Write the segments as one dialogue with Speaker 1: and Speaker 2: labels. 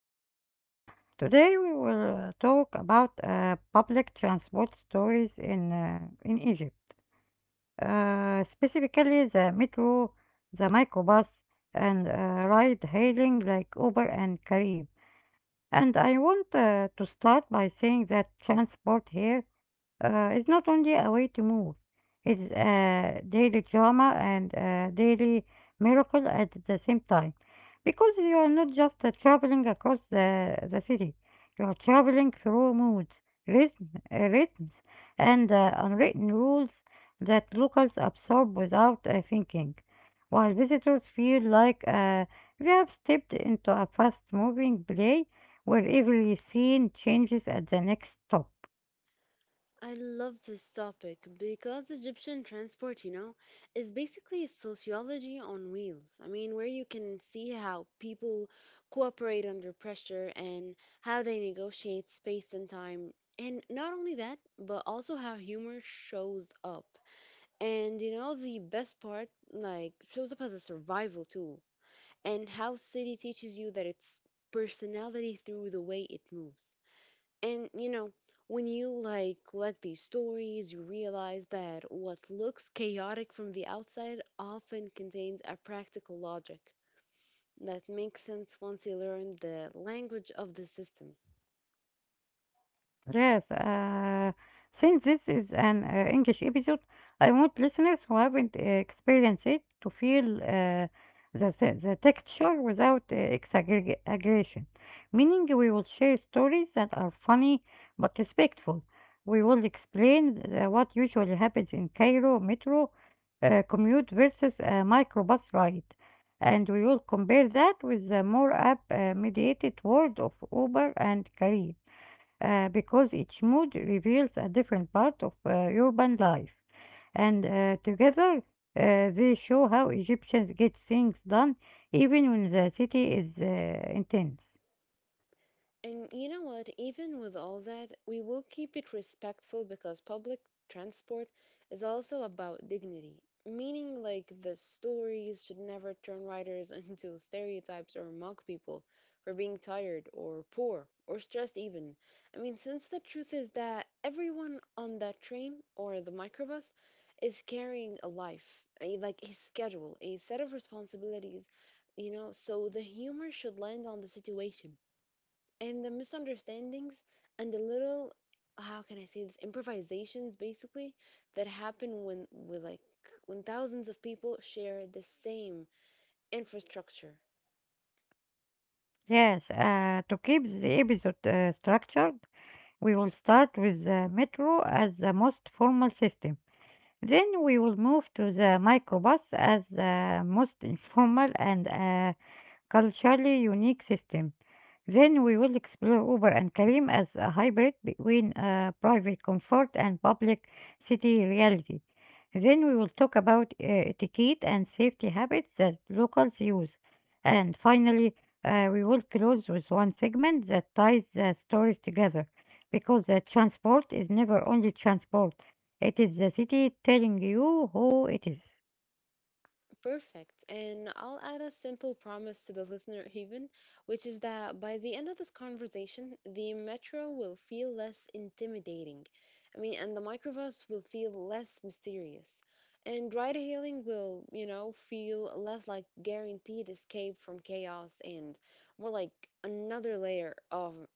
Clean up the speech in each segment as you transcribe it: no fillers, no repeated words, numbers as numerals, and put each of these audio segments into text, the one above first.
Speaker 1: today. Today, we will talk about public transport stories in Egypt, specifically the metro, the microbus, and ride hailing like Uber and Carib. And I want to start by saying that transport here, it's not only a way to move, it's a daily drama and a daily miracle at the same time. Because you are not just traveling across the city, you are traveling through moods, rhythms, and unwritten rules that locals absorb without thinking. While visitors feel like they have stepped into a fast moving play where every scene changes at the next stop.
Speaker 2: I love this topic because Egyptian transport, you know, is basically sociology on wheels. I mean, where you can see how people cooperate under pressure and how they negotiate space and time. And not only that, but also how humor shows up. And you know, the best part, like, shows up as a survival tool, and how city teaches you that it's personality through the way it moves. And you know, when you like collect these stories, you realize that what looks chaotic from the outside often contains a practical logic that makes sense once you learn the language of the system.
Speaker 1: Yes, since this is an English episode, I want listeners who haven't experienced it to feel the texture without exaggeration. Meaning, we will share stories that are funny but respectful. We will explain what usually happens in Cairo metro commute versus a microbus ride. And we will compare that with the more app mediated world of Uber and Career, because each mood reveals a different part of urban life. And together, they show how Egyptians get things done even when the city is intense.
Speaker 2: And you know what? Even with all that, we will keep it respectful because public transport is also about dignity. Meaning, like, the stories should never turn writers into stereotypes or mock people for being tired or poor or stressed, even. I mean, since the truth is that everyone on that train or the microbus is carrying a life, a, like a schedule, a set of responsibilities, you know, so the humor should land on the situation and the misunderstandings and the little how can I say this improvisations basically that happen when with like when thousands of people share the same infrastructure.
Speaker 1: Yes, to keep the episode structured, we will start with the metro as the most formal system. Then we will move to the microbus as the most informal and culturally unique system. Then we will explore Uber and Kareem as a hybrid between private comfort and public city reality. Then we will talk about etiquette and safety habits that locals use. And finally, we will close with one segment that ties the stories together because the transport is never only transport, it is the city telling you who it is.
Speaker 2: Perfect. And I'll add a simple promise to the listener, even, which is that by the end of this conversation, the metro will feel less intimidating. I mean, and the microbus will feel less mysterious. And ride hailing will, you know, feel less like guaranteed escape from chaos and more like another layer of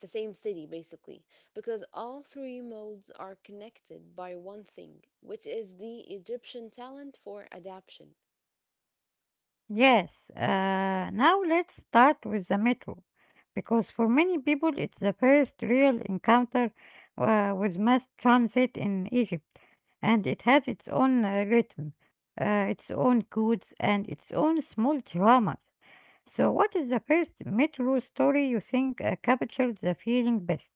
Speaker 2: the same city, basically. Because all three modes are connected by one thing, which is the Egyptian talent for adaption.
Speaker 1: Yes, now let's start with the metro, because for many people it's the first real encounter with mass transit in Egypt, and it has its own rhythm, its own codes, and its own small dramas. So, what is the first metro story you think captures the feeling best?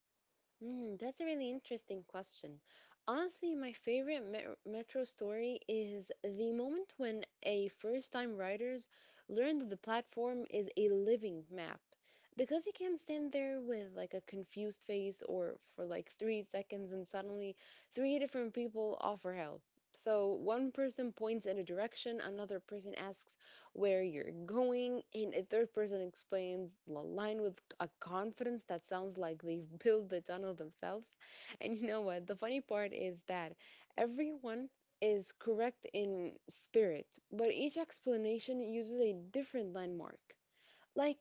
Speaker 2: Mm, that's a really interesting question. Honestly, my favorite metro story is the moment when a first-time writers learn that the platform is a living map. Because you can stand there with like a confused face or for like 3 seconds and suddenly three different people offer help. So one person points in a direction, another person asks where you're going, and a third person explains the line with a confidence that sounds like they've built the tunnel themselves. And you know what? The funny part is that everyone is correct in spirit, but each explanation uses a different landmark. Like,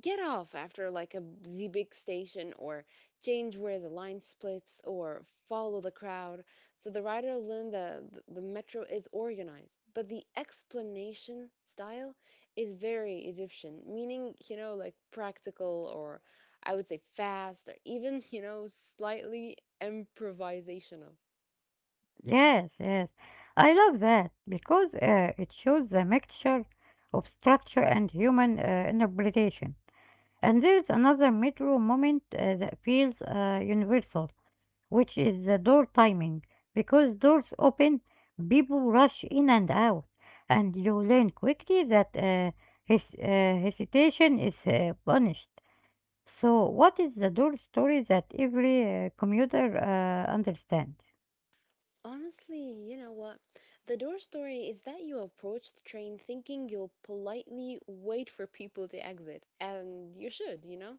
Speaker 2: get off after like a the big station, or change where the line splits, or follow the crowd. So the rider learned the metro is organized, but the explanation style is very Egyptian, meaning, you know, like practical, or I would say fast, or even you know, slightly improvisational.
Speaker 1: Yes, yes, I love that because it shows the mixture of structure and human interpretation. And there is another metro moment that feels universal, which is the door timing. Because doors open, people rush in and out, and you learn quickly that, his hesitation is punished. So, what is the door story that every commuter understands?
Speaker 2: Honestly, you know what? The door story is that you approach the train thinking you'll politely wait for people to exit, and you should, you know?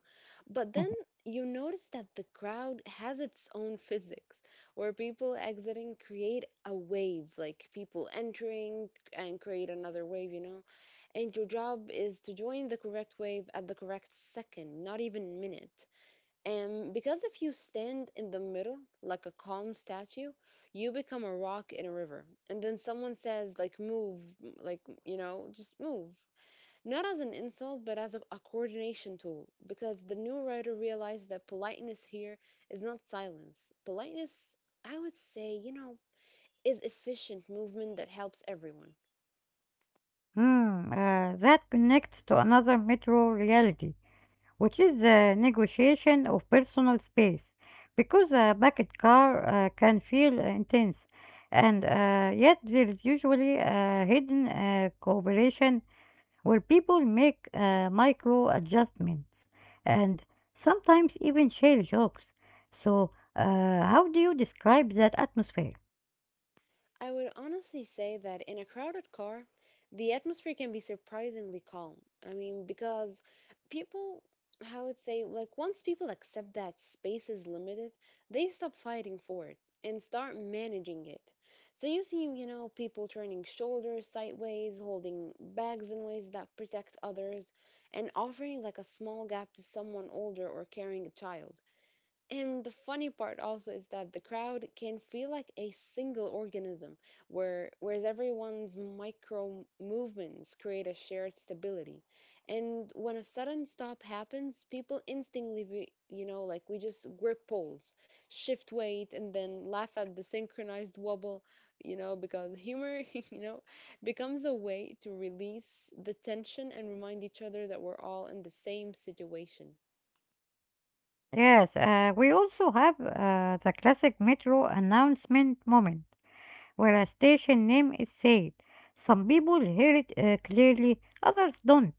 Speaker 2: But then you notice that the crowd has its own physics, where people exiting create a wave, like people entering and create another wave, you know? And your job is to join the correct wave at the correct second, not even minute. And because if you stand in the middle like a calm statue, you become a rock in a river. And then someone says, like, move, like, you know, just move. Not as an insult, but as a coordination tool. Because the new writer realized that politeness here is not silence. Politeness, I would say, you know, is efficient movement that helps everyone.
Speaker 1: Hmm, that connects to another metro reality, which is the negotiation of personal space, because a packed car can feel intense, and yet there is usually a hidden cooperation where people make micro adjustments and sometimes even share jokes. So, how do you describe that atmosphere?
Speaker 2: I would honestly say that in a crowded car, the atmosphere can be surprisingly calm. I mean, because people, I would say, like, once people accept that space is limited, they stop fighting for it and start managing it. So you see, you know, people turning shoulders sideways, holding bags in ways that protect others, and offering like a small gap to someone older or carrying a child. And the funny part also is that the crowd can feel like a single organism, whereas everyone's micro movements create a shared stability. And when a sudden stop happens, people instinctively, you know, like we just grip poles, shift weight, and then laugh at the synchronized wobble, you know, because humor, you know, becomes a way to release the tension and remind each other that we're all in the same situation.
Speaker 1: Yes, we also have the classic metro announcement moment where a station name is said. Some people hear it clearly, others don't.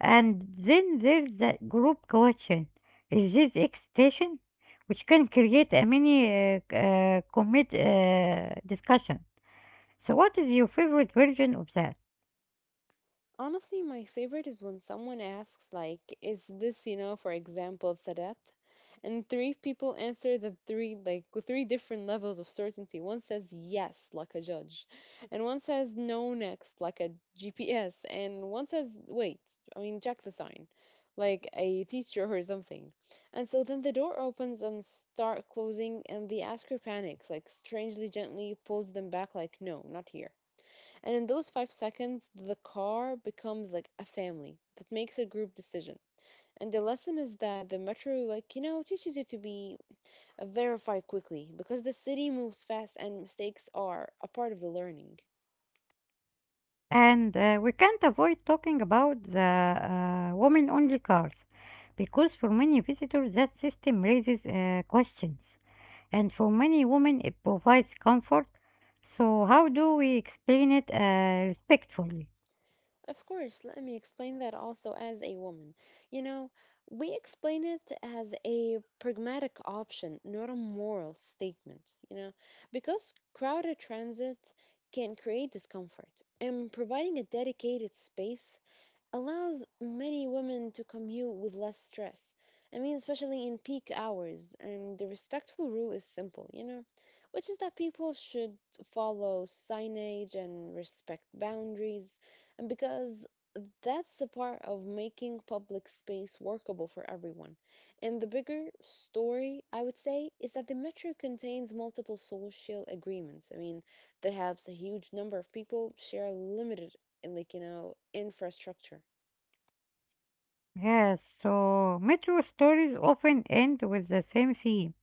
Speaker 1: And then there's that group question: is this X station? Which can create a mini c- commit discussion. So, what is your favorite version of that?
Speaker 2: Honestly, my favorite is when someone asks, like, is this, you know, for example, Sadat? And three people answer the three, like, with three different levels of certainty. One says yes, like a judge, and one says no next, like a GPS, and one says wait, I mean, check the sign, like a teacher or something. And so then the door opens and start closing, and the asker panics, like, strangely gently pulls them back, like, no, not here. And in those 5 seconds, the car becomes like a family that makes a group decision. And the lesson is that the metro, like, you know, teaches you to be verify quickly because the city moves fast and mistakes are a part of the learning.
Speaker 1: And we can't avoid talking about the women only cars, because for many visitors that system raises questions, and for many women it provides comfort. So, how do we explain it respectfully?
Speaker 2: Of course, let me explain that also as a woman. You know, we explain it as a pragmatic option, not a moral statement, you know, because crowded transit can create discomfort, and providing a dedicated space allows many women to commute with less stress. I mean, especially in peak hours. And the respectful rule is simple, you know, which is that people should follow signage and respect boundaries, and because that's a part of making public space workable for everyone. And the bigger story, I would say, is that the metro contains multiple social agreements. I mean, that helps a huge number of people share limited, like, you know, infrastructure.
Speaker 1: Yes, so metro stories often end with the same theme,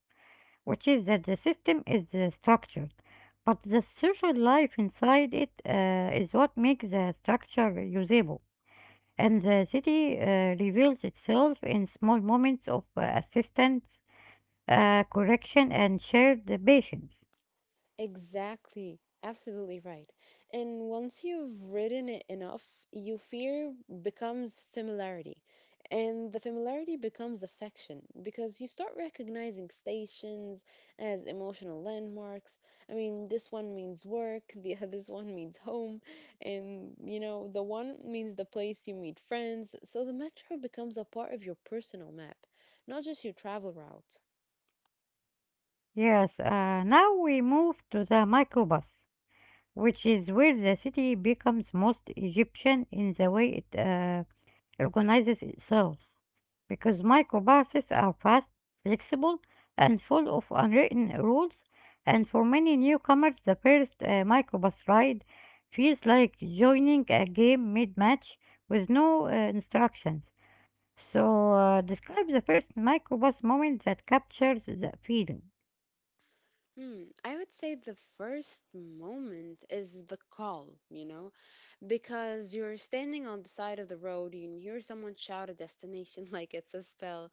Speaker 1: which is that the system is structured, but the social life inside it is what makes the structure usable. And the city reveals itself in small moments of assistance, correction, and shared patience.
Speaker 2: Exactly. Absolutely right. And once you've ridden it enough, you fear becomes familiarity. And the familiarity becomes affection because you start recognizing stations as emotional landmarks. I mean, this one means work, the this one means home, and you know, the one means the place you meet friends. So the metro becomes a part of your personal map, not just your travel route.
Speaker 1: Yes, now we move to the microbus, which is where the city becomes most Egyptian in the way it organizes itself, because microbuses are fast, flexible, and full of unwritten rules. And for many newcomers, the first microbus ride feels like joining a game mid-match with no instructions. So, describe the first microbus moment that captures the feeling.
Speaker 2: Hmm, I would say the first moment is the call, you know, because you're standing on the side of the road, you can hear someone shout a destination like it's a spell,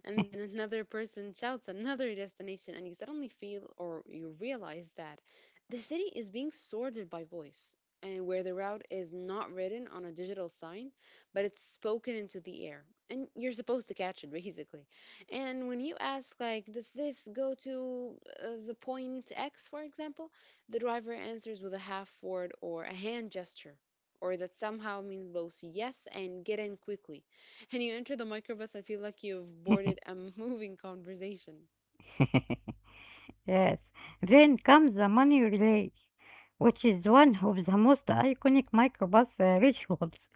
Speaker 2: and then another person shouts another destination, and you suddenly feel or you realize that the city is being sorted by voice, and where the route is not written on a digital sign, but it's spoken into the air, and you're supposed to catch it basically. And when you ask, like, does this go to the point X, for example? The driver answers with a half word or a hand gesture or that somehow means both yes and get in quickly. And you enter the microbus and feel like you've boarded a moving conversation.
Speaker 1: Yes. Then comes the money relay, which is one of the most iconic microbus rituals,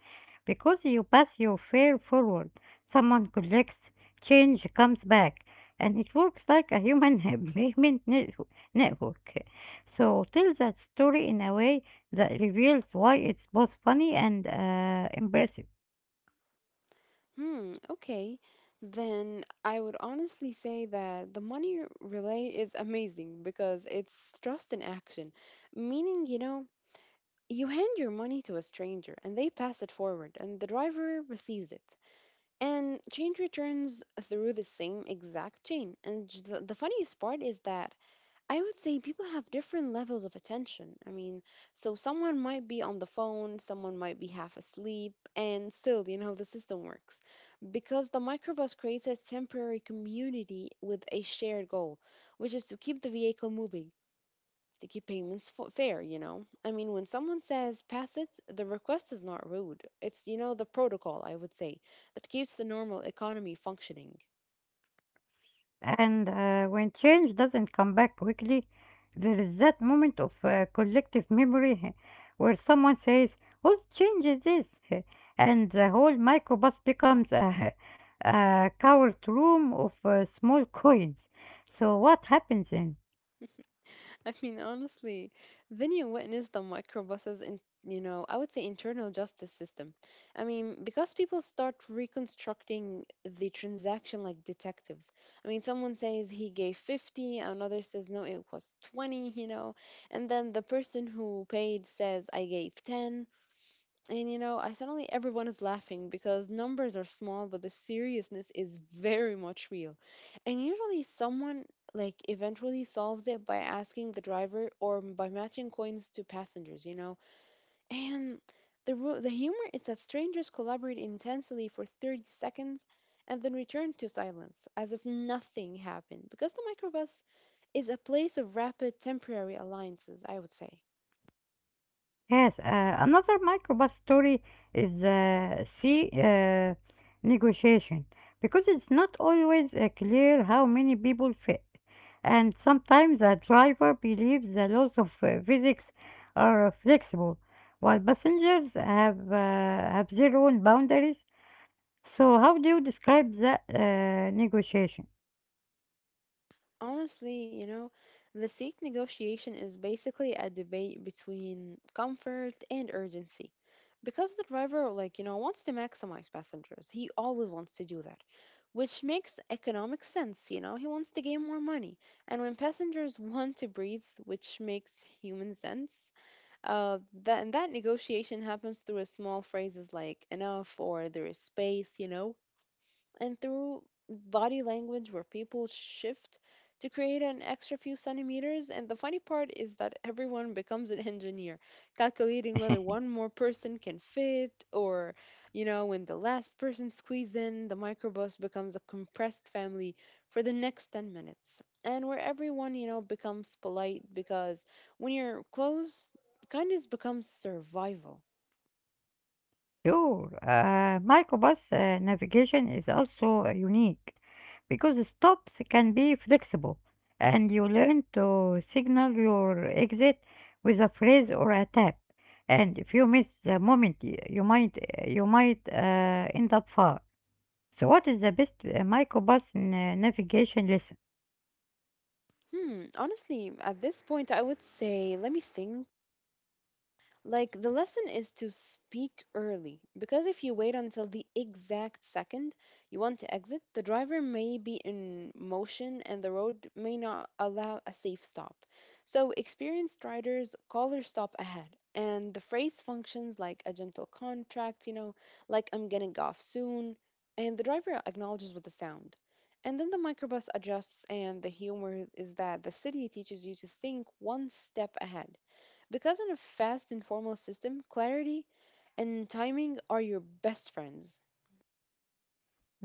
Speaker 1: because you pass your fare forward, someone collects, change comes back, and it works like a human payment net- network. So tell that story in a way that reveals why it's both funny and impressive.
Speaker 2: Hmm, okay. Then I would honestly say that the money relay is amazing because it's trust in action. Meaning, you know, you hand your money to a stranger and they pass it forward and the driver receives it. And change returns through the same exact chain. And the funniest part is that I would say people have different levels of attention. I mean, so someone might be on the phone, someone might be half asleep, and still, you know, the system works. Because the microbus creates a temporary community with a shared goal, which is to keep the vehicle moving, to keep payments fair, you know? I mean, when someone says pass it, the request is not rude. It's, you know, the protocol, I would say, that keeps the normal economy functioning.
Speaker 1: And when change doesn't come back quickly, there is that moment of collective memory where someone says, "Whose change is this?" And the whole microbus becomes a, a coward room of small coins. So, what happens then?
Speaker 2: I mean, honestly, then you witness the microbuses in, you know, I would say internal justice system. I mean, because people start reconstructing the transaction like detectives. I mean, someone says he gave 50, another says no, it was 20, you know, and then the person who paid says I gave 10. And you know, I suddenly everyone is laughing because numbers are small, but the seriousness is very much real. And usually, someone like eventually solves it by asking the driver or by matching coins to passengers, you know. And the humor is that strangers collaborate intensely for 30 seconds and then return to silence as if nothing happened because the microbus is a place of rapid temporary alliances, I would say.
Speaker 1: Yes, another microbus story is sea negotiation, because it's not always clear how many people fit, and sometimes a driver believes the laws of physics are flexible, while passengers have their own boundaries. So, how do you describe that negotiation?
Speaker 2: Honestly, you know, the seat negotiation is basically a debate between comfort and urgency. Because the driver, like, you know, wants to maximize passengers. He always wants to do that, which makes economic sense, you know, he wants to gain more money. And when passengers want to breathe, which makes human sense, uh, that, and that negotiation happens through a small phrases like enough or there is space, you know, and through body language where people shift to create an extra few centimeters. And the funny part is that everyone becomes an engineer, calculating whether one more person can fit or, you know, when the last person squeezes in, the microbus becomes a compressed family for the next 10 minutes. And where everyone, you know, becomes polite because when you're close, kindness becomes survival.
Speaker 1: Sure. Microbus navigation is also unique, because stops can be flexible and you learn to signal your exit with a phrase or a tap. And if you miss the moment, you might end up far. So, what is the best microbus na- navigation lesson?
Speaker 2: Honestly, at this point, I would say, let me think. Like, the lesson is to speak early, because if you wait until the exact second you want to exit, the driver may be in motion and the road may not allow a safe stop. So, experienced riders call their stop ahead, and the phrase functions like a gentle contract, you know, like I'm getting off soon, and the driver acknowledges with a sound. And then the microbus adjusts, and the humor is that the city teaches you to think one step ahead because in a fast, informal system, clarity and timing are your best friends.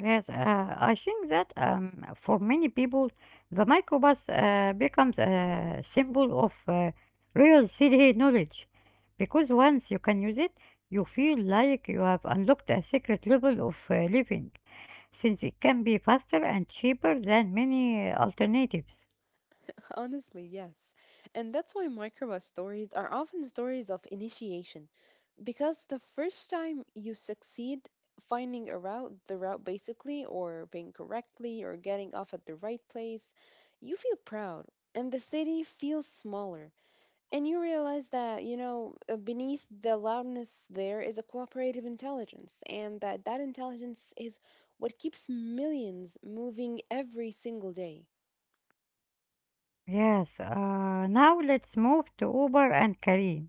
Speaker 1: Yes, I think that for many people, the microbus becomes a symbol of real city knowledge, because once you can use it, you feel like you have unlocked a secret level of living, since it can be faster and cheaper than many alternatives.
Speaker 2: Honestly, yes. And that's why microbus stories are often stories of initiation. Because the first time you succeed finding a route, the route basically, or being correctly, or getting off at the right place, you feel proud. And the city feels smaller. And you realize that, you know, beneath the loudness there is a cooperative intelligence, and that intelligence is what keeps millions moving every single day.
Speaker 1: Yes, now let's move to Uber and Kareem.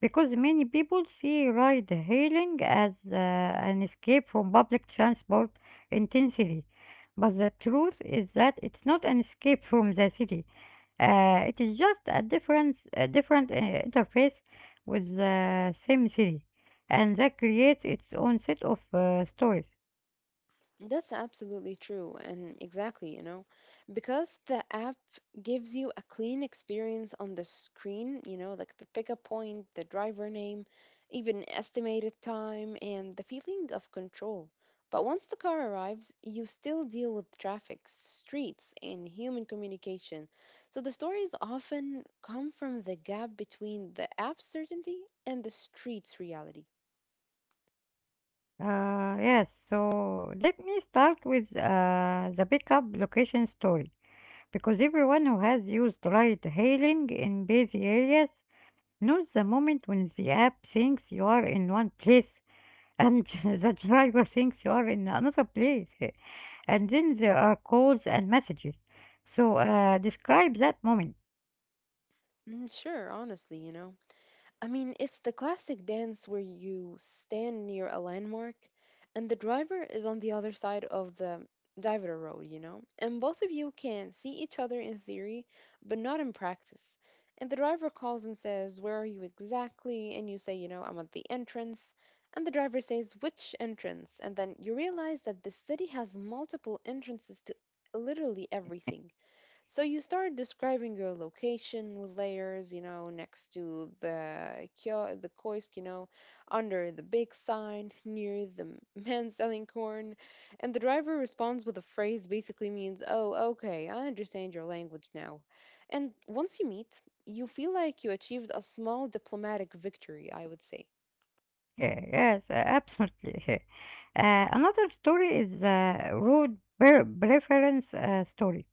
Speaker 1: Because many people see ride hailing as an escape from public transport intensity. But the truth is that it's not an escape from the city. It is just a different interface with the same city. And that creates its own set of stories.
Speaker 2: That's absolutely true, and exactly, you know, because the app gives you a clean experience on the screen, you know, like the pickup point, the driver name, even estimated time, and the feeling of control. But once the car arrives, you still deal with traffic, streets, and human communication. So the stories often come from the gap between the app certainty and the street's reality.
Speaker 1: Yes, so let me start with the pickup location story. Because everyone who has used ride hailing in busy areas, not the moment when the app thinks you are in one place and the driver thinks you are in another place. And then there are calls and messages. So, describe that moment.
Speaker 2: Sure, honestly, you know. I mean, it's the classic dance where you stand near a landmark and the driver is on the other side of the divider road, you know? And both of you can see each other in theory, but not in practice. And the driver calls and says, "Where are you exactly?" And you say, "You know, I'm at the entrance." And the driver says, "Which entrance?" And then you realize that the city has multiple entrances to literally everything. So you start describing your location with layers, you know, next to the kiosk, you know, under the big sign, near the man selling corn, and the driver responds with a phrase basically means, "Oh, okay, I understand your language now." And once you meet, you feel like you achieved a small diplomatic victory, I would say.
Speaker 1: Yeah, yes, absolutely. Another story is the preference story,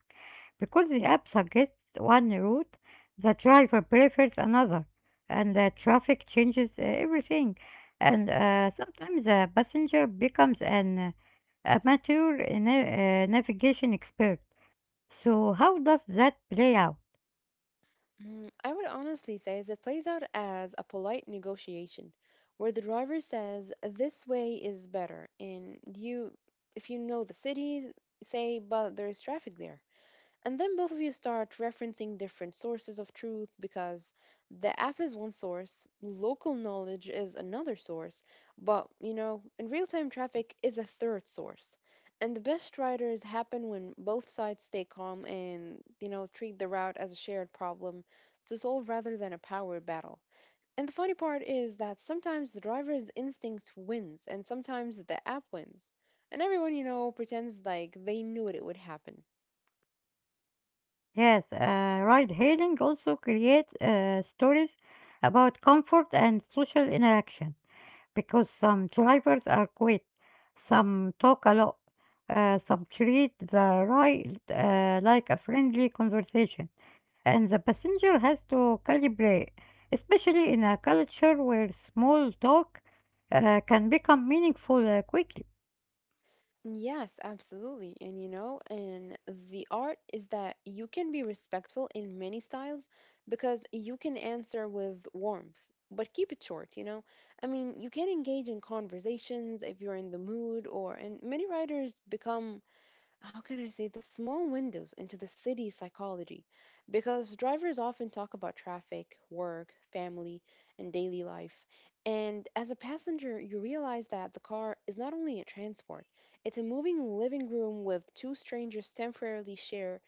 Speaker 1: because the app suggests one route, the driver prefers another, and the traffic changes everything. And sometimes the passenger becomes an amateur navigation expert. So how does that play out?
Speaker 2: I would honestly say is it plays out as a polite negotiation where the driver says, "This way is better." And you, if you know the city, say, "But there is traffic there." And then both of you start referencing different sources of truth because the app is one source, local knowledge is another source, but you know, and real time traffic is a third source. And the best riders happen when both sides stay calm and, you know, treat the route as a shared problem to solve rather than a power battle. And the funny part is that sometimes the driver's instinct wins and sometimes the app wins. And everyone, you know, pretends like they knew it would happen.
Speaker 1: Yes, ride hailing also creates stories about comfort and social interaction. Because some drivers are quiet, some talk a lot, some treat the ride like a friendly conversation, and the passenger has to calibrate, especially in a culture where small talk can become meaningful quickly.
Speaker 2: Yes, absolutely. And you know, and the art is that you can be respectful in many styles because you can answer with warmth, but keep it short, you know? I mean, you can engage in conversations if you're in the mood, or, and many writers become how can I say, the small windows into the city psychology. Because drivers often talk about traffic, work, family, and daily life. And as a passenger, you realize that the car is not only a transport, it's a moving living room with two strangers temporarily share,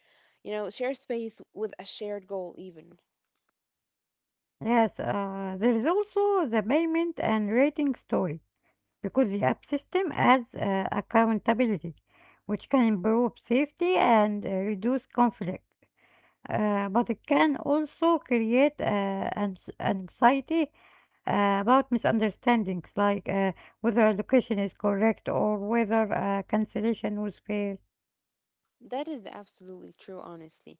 Speaker 2: you know, share space with a shared goal, even.
Speaker 1: Yes, there is also the payment and rating story, because the app system adds accountability, which can improve safety and reduce conflict. But it can also create anxiety about misunderstandings, like whether a location is correct or whether cancellation was fair.
Speaker 2: That is absolutely true, honestly.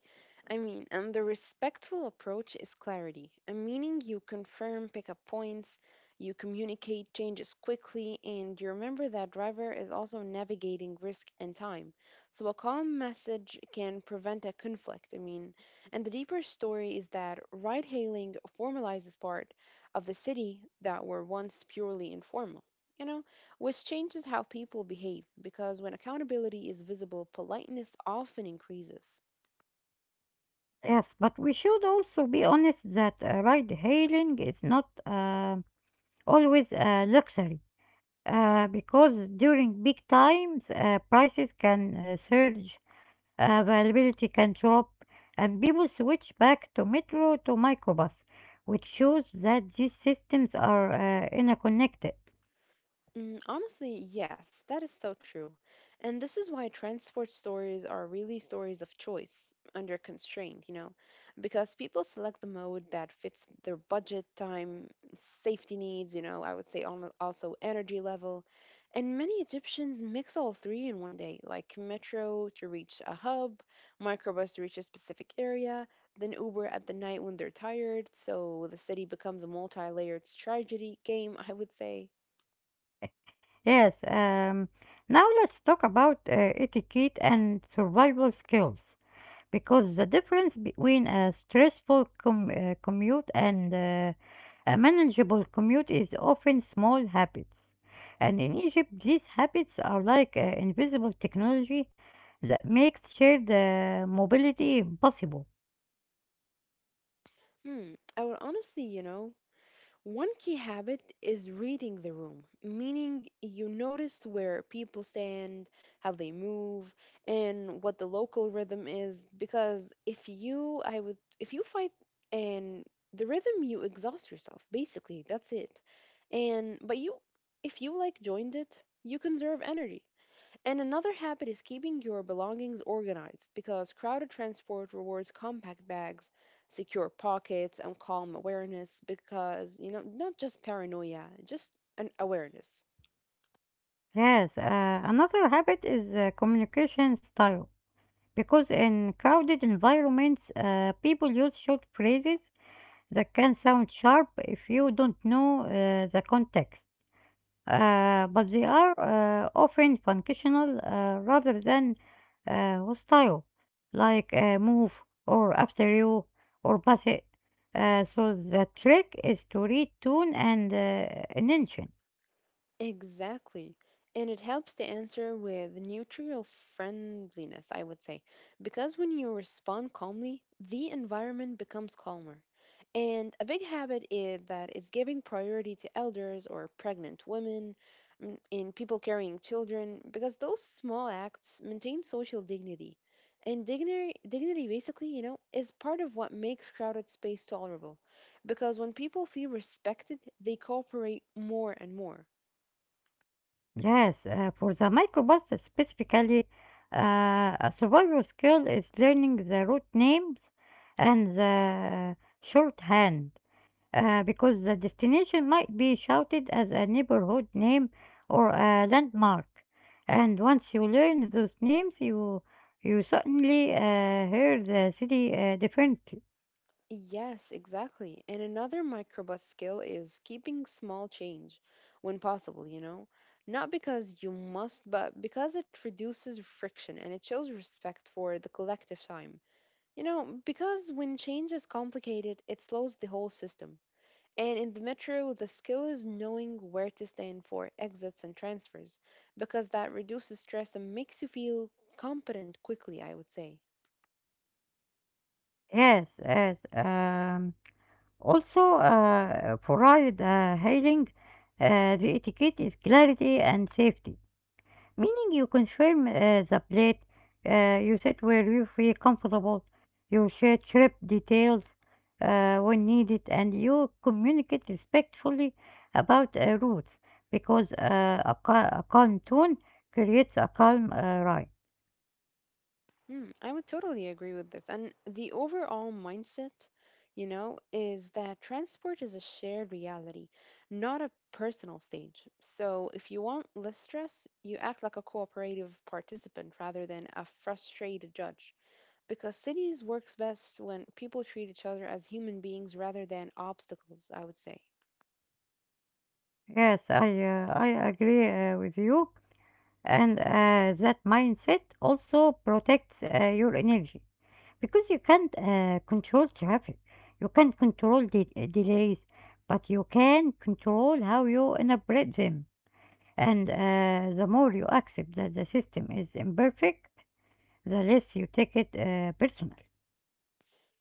Speaker 2: I mean, and the respectful approach is clarity, a meaning you confirm pickup points, you communicate changes quickly, and you remember that driver is also navigating risk and time. So a calm message can prevent a conflict. I mean, and the deeper story is that ride hailing formalizes part of the city that were once purely informal. You know? Which changes how people behave because when accountability is visible, politeness often increases.
Speaker 1: Yes, but we should also be honest that ride hailing is not always a luxury. Because during big times, prices can surge, availability can drop, and people switch back to metro to microbus, which shows that these systems are interconnected.
Speaker 2: Honestly, yes, that is so true. And this is why transport stories are really stories of choice under constraint, you know, because people select the mode that fits their budget, time, safety needs, you know, I would say also energy level. And many Egyptians mix all three in one day, like metro to reach a hub, microbus to reach a specific area, then Uber at the night when they're tired. So the city becomes a multi layered strategy game, I would say.
Speaker 1: Yes, now let's talk about etiquette and survival skills, because the difference between a stressful commute and a manageable commute is often small habits. And in Egypt, these habits are like invisible technology that makes shared mobility possible.
Speaker 2: I will honestly, you know, one key habit is reading the room, meaning you notice where people stand, how they move, and what the local rhythm is. Because if you, I would, if you fight and the rhythm, you exhaust yourself. Basically, that's it. And but you, if you like joined it, you conserve energy. And another habit is keeping your belongings organized because crowded transport rewards compact bags, secure pockets, and calm awareness because, you know, not just paranoia, just an awareness.
Speaker 1: Yes, another habit is communication style. Because in crowded environments, people use short phrases that can sound sharp if you don't know the context. But they are often functional rather than hostile, like "move" or "after you" or "pass it." So the trick is to read tone and intention.
Speaker 2: Exactly. And it helps to answer with neutral friendliness, I would say. Because when you respond calmly, the environment becomes calmer. And a big habit is that it's giving priority to elders or pregnant women and people carrying children, because those small acts maintain social dignity. And dignity basically, you know, is part of what makes crowded space tolerable. Because when people feel respected, they cooperate more and more.
Speaker 1: Yes, for the microbus specifically, a survival skill is learning the route names and the shorthand, because the destination might be shouted as a neighborhood name or a landmark. And once you learn those names, you suddenly hear the city differently.
Speaker 2: Yes, exactly. And another microbus skill is keeping small change when possible, you know? Not because you must, but because it reduces friction and it shows respect for the collective time. You know, because when change is complicated, it slows the whole system. And in the metro, the skill is knowing where to stand for exits and transfers, because that reduces stress and makes you feel competent quickly, I would say.
Speaker 1: Yes, yes. Also, provide hiring, the etiquette is clarity and safety, meaning you confirm the plate, you sit where you feel comfortable, you share trip details when needed, and you communicate respectfully about routes, because a calm tone creates a calm ride.
Speaker 2: I would totally agree with this. And the overall mindset, you know, is that transport is a shared reality, not a personal stage. So if you want less stress, you act like a cooperative participant rather than a frustrated judge. Because cities works best when people treat each other as human beings rather than obstacles, I would say.
Speaker 1: Yes, I agree with you. And that mindset also protects your energy, because you can't control traffic, you can't control the delays, but you can control how you interpret them. And the more you accept that the system is imperfect, the less you take it personal.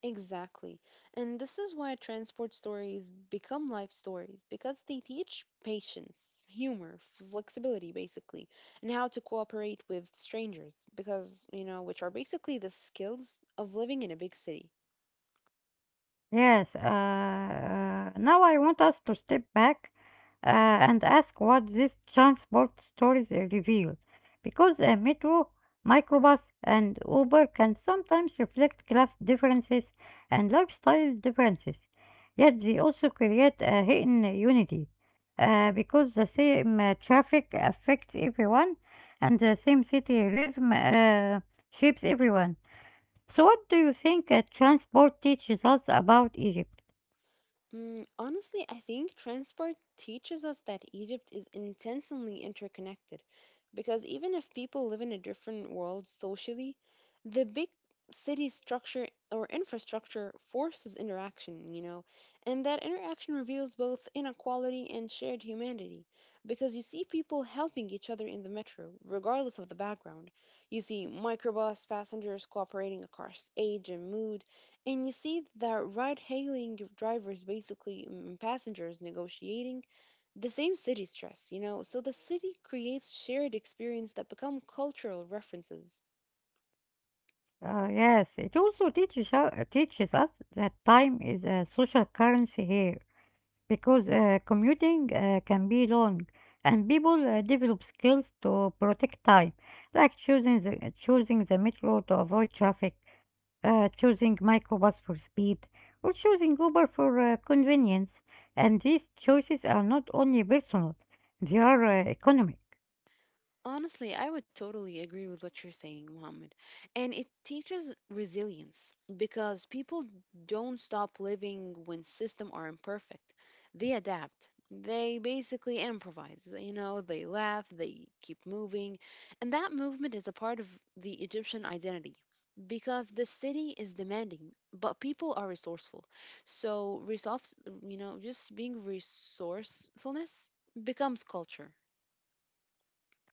Speaker 2: Exactly. And this is why transport stories become life stories because they teach patience, humor, flexibility, basically, and how to cooperate with strangers because, you know, which are basically the skills of living in a big city.
Speaker 1: Yes, now I want us to step back and ask what these transport stories reveal. Because a metro, microbus, and Uber can sometimes reflect class differences and lifestyle differences, yet they also create a hidden unity. Because the same traffic affects everyone and the same city rhythm shapes everyone. So, what do you think transport teaches us about Egypt?
Speaker 2: Honestly, I think transport teaches us that Egypt is intentionally interconnected because even if people live in a different world socially, the big city structure or infrastructure forces interaction, you know, and that interaction reveals both inequality and shared humanity because you see people helping each other in the metro, regardless of the background. You see microbus passengers cooperating across age and mood and you see that ride hailing drivers, basically passengers negotiating the same city stress, you know? So the city creates shared experience that become cultural references.
Speaker 1: Yes, it also teaches, teaches us that time is a social currency here, because commuting can be long and people develop skills to protect time, like choosing the metro to avoid traffic, choosing microbus for speed, or choosing Uber for convenience. And these choices are not only personal, they are economic.
Speaker 2: Honestly, I would totally agree with what you're saying, Mohammed. And it teaches resilience because people don't stop living when systems are imperfect. They adapt. They basically improvise. You know, they laugh, they keep moving. And that movement is a part of the Egyptian identity because the city is demanding, but people are resourceful. So, resource, you know, just being resourcefulness becomes culture.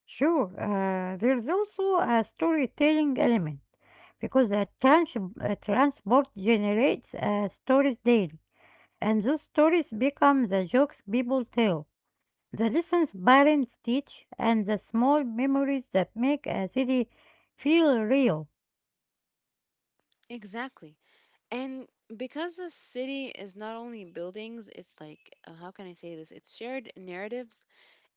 Speaker 1: Sure, there is also a storytelling element, because a transport generates stories daily, and those stories become the jokes people tell, the lessons parents teach, and the small memories that make a city feel real.
Speaker 2: Exactly. And because a city is not only buildings, it's like, how can I say this? It's shared narratives,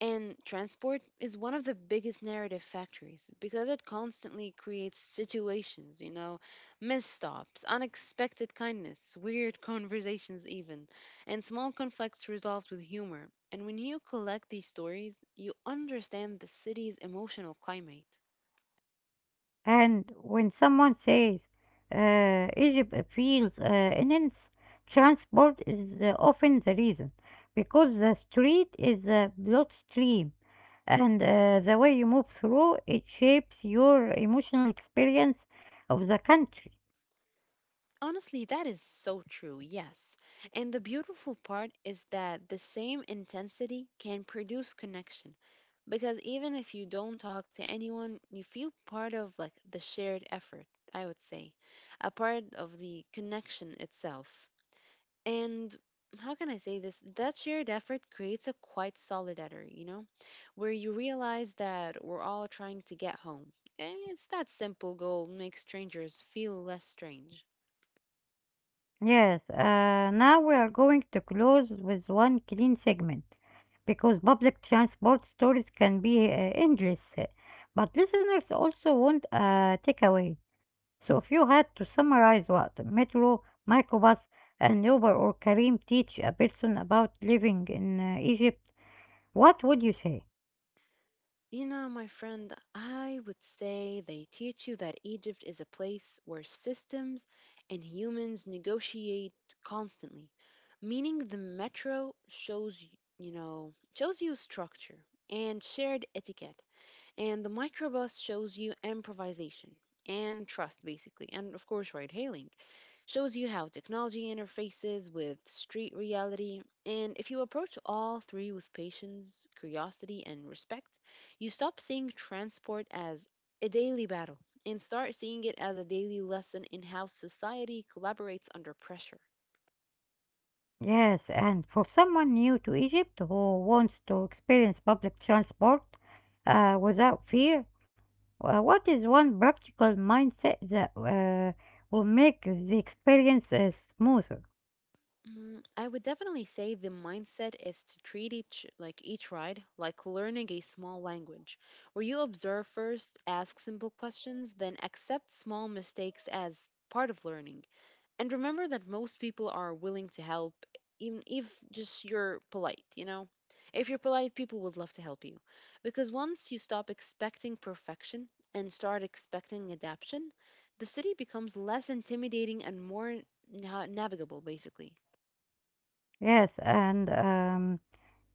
Speaker 2: and transport is one of the biggest narrative factories because it constantly creates situations, you know, misstops, unexpected kindness, weird conversations, even, and small conflicts resolved with humor. And when you collect these stories, you understand the city's emotional climate.
Speaker 1: And when someone says Egypt feels immense, transport is often the reason, because the street is a bloodstream and the way you move through it shapes your emotional experience of the country.
Speaker 2: Honestly, that is so true, yes. And the beautiful part is that the same intensity can produce connection because even if you don't talk to anyone, you feel part of like the shared effort, I would say, a part of the connection itself. And how can I say this? That shared effort creates a quite solidarity, you know, where you realize that we're all trying to get home. And it's that simple goal makes strangers feel less strange.
Speaker 1: Yes, now we are going to close with one clean segment, because public transport stories can be endless. But listeners also want a takeaway. So if you had to summarize what Metro, Mycobus, and Uber or Kareem teach a person about living in Egypt, what would you say?
Speaker 2: You know, my friend, I would say they teach you that Egypt is a place where systems and humans negotiate constantly, meaning the metro shows, you know, shows you structure and shared etiquette, and the microbus shows you improvisation and trust, basically, and of course, ride hailing shows you how technology interfaces with street reality. And if you approach all three with patience, curiosity, and respect, you stop seeing transport as a daily battle and start seeing it as a daily lesson in how society collaborates under pressure.
Speaker 1: Yes, and for someone new to Egypt who wants to experience public transport without fear, what is one practical mindset that will make the experience smoother?
Speaker 2: I would definitely say the mindset is to treat each ride like learning a small language, where you observe first, ask simple questions, then accept small mistakes as part of learning. And remember that most people are willing to help even if just you're polite, you know, if you're polite people would love to help you because once you stop expecting perfection and start expecting adaptation the city becomes less intimidating and more navigable basically.
Speaker 1: Yes, and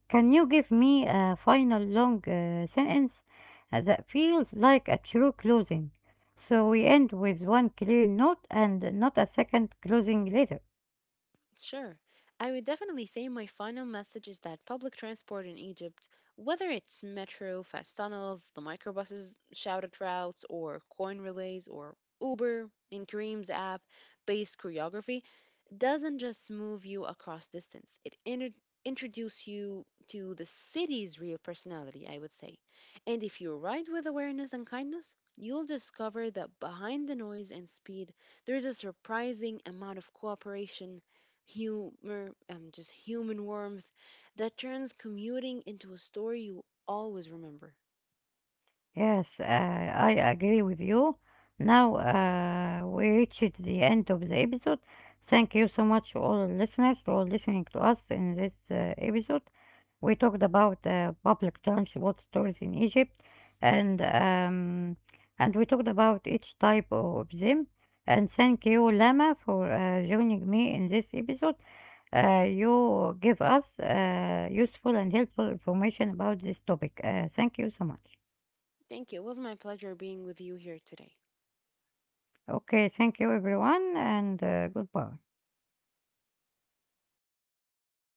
Speaker 1: can you give me a final long sentence that feels like a true closing? So we end with one clear note and not a second closing later.
Speaker 2: Sure. I would definitely say my final message is that public transport in Egypt, whether it's metro, fast tunnels, the microbuses, shouted routes, or coin relays, or Uber, in Kareem's app based choreography, doesn't just move you across distance. It introduces you to the city's real personality, I would say. And if you ride with awareness and kindness, you'll discover that behind the noise and speed, there's a surprising amount of cooperation humor, just human warmth that turns commuting into a story you'll always remember.
Speaker 1: Yes, I agree with you. Now we reached the end of the episode. Thank you so much, all listeners, for listening to us in this episode. We talked about public transport stores in Egypt, and um, and we talked about each type of them. And thank you, Lama, for joining me in this episode. You give us useful and helpful information about this topic. Thank you so much.
Speaker 2: Thank you. It was my pleasure being with you here today.
Speaker 1: Okay, thank you, everyone, and goodbye.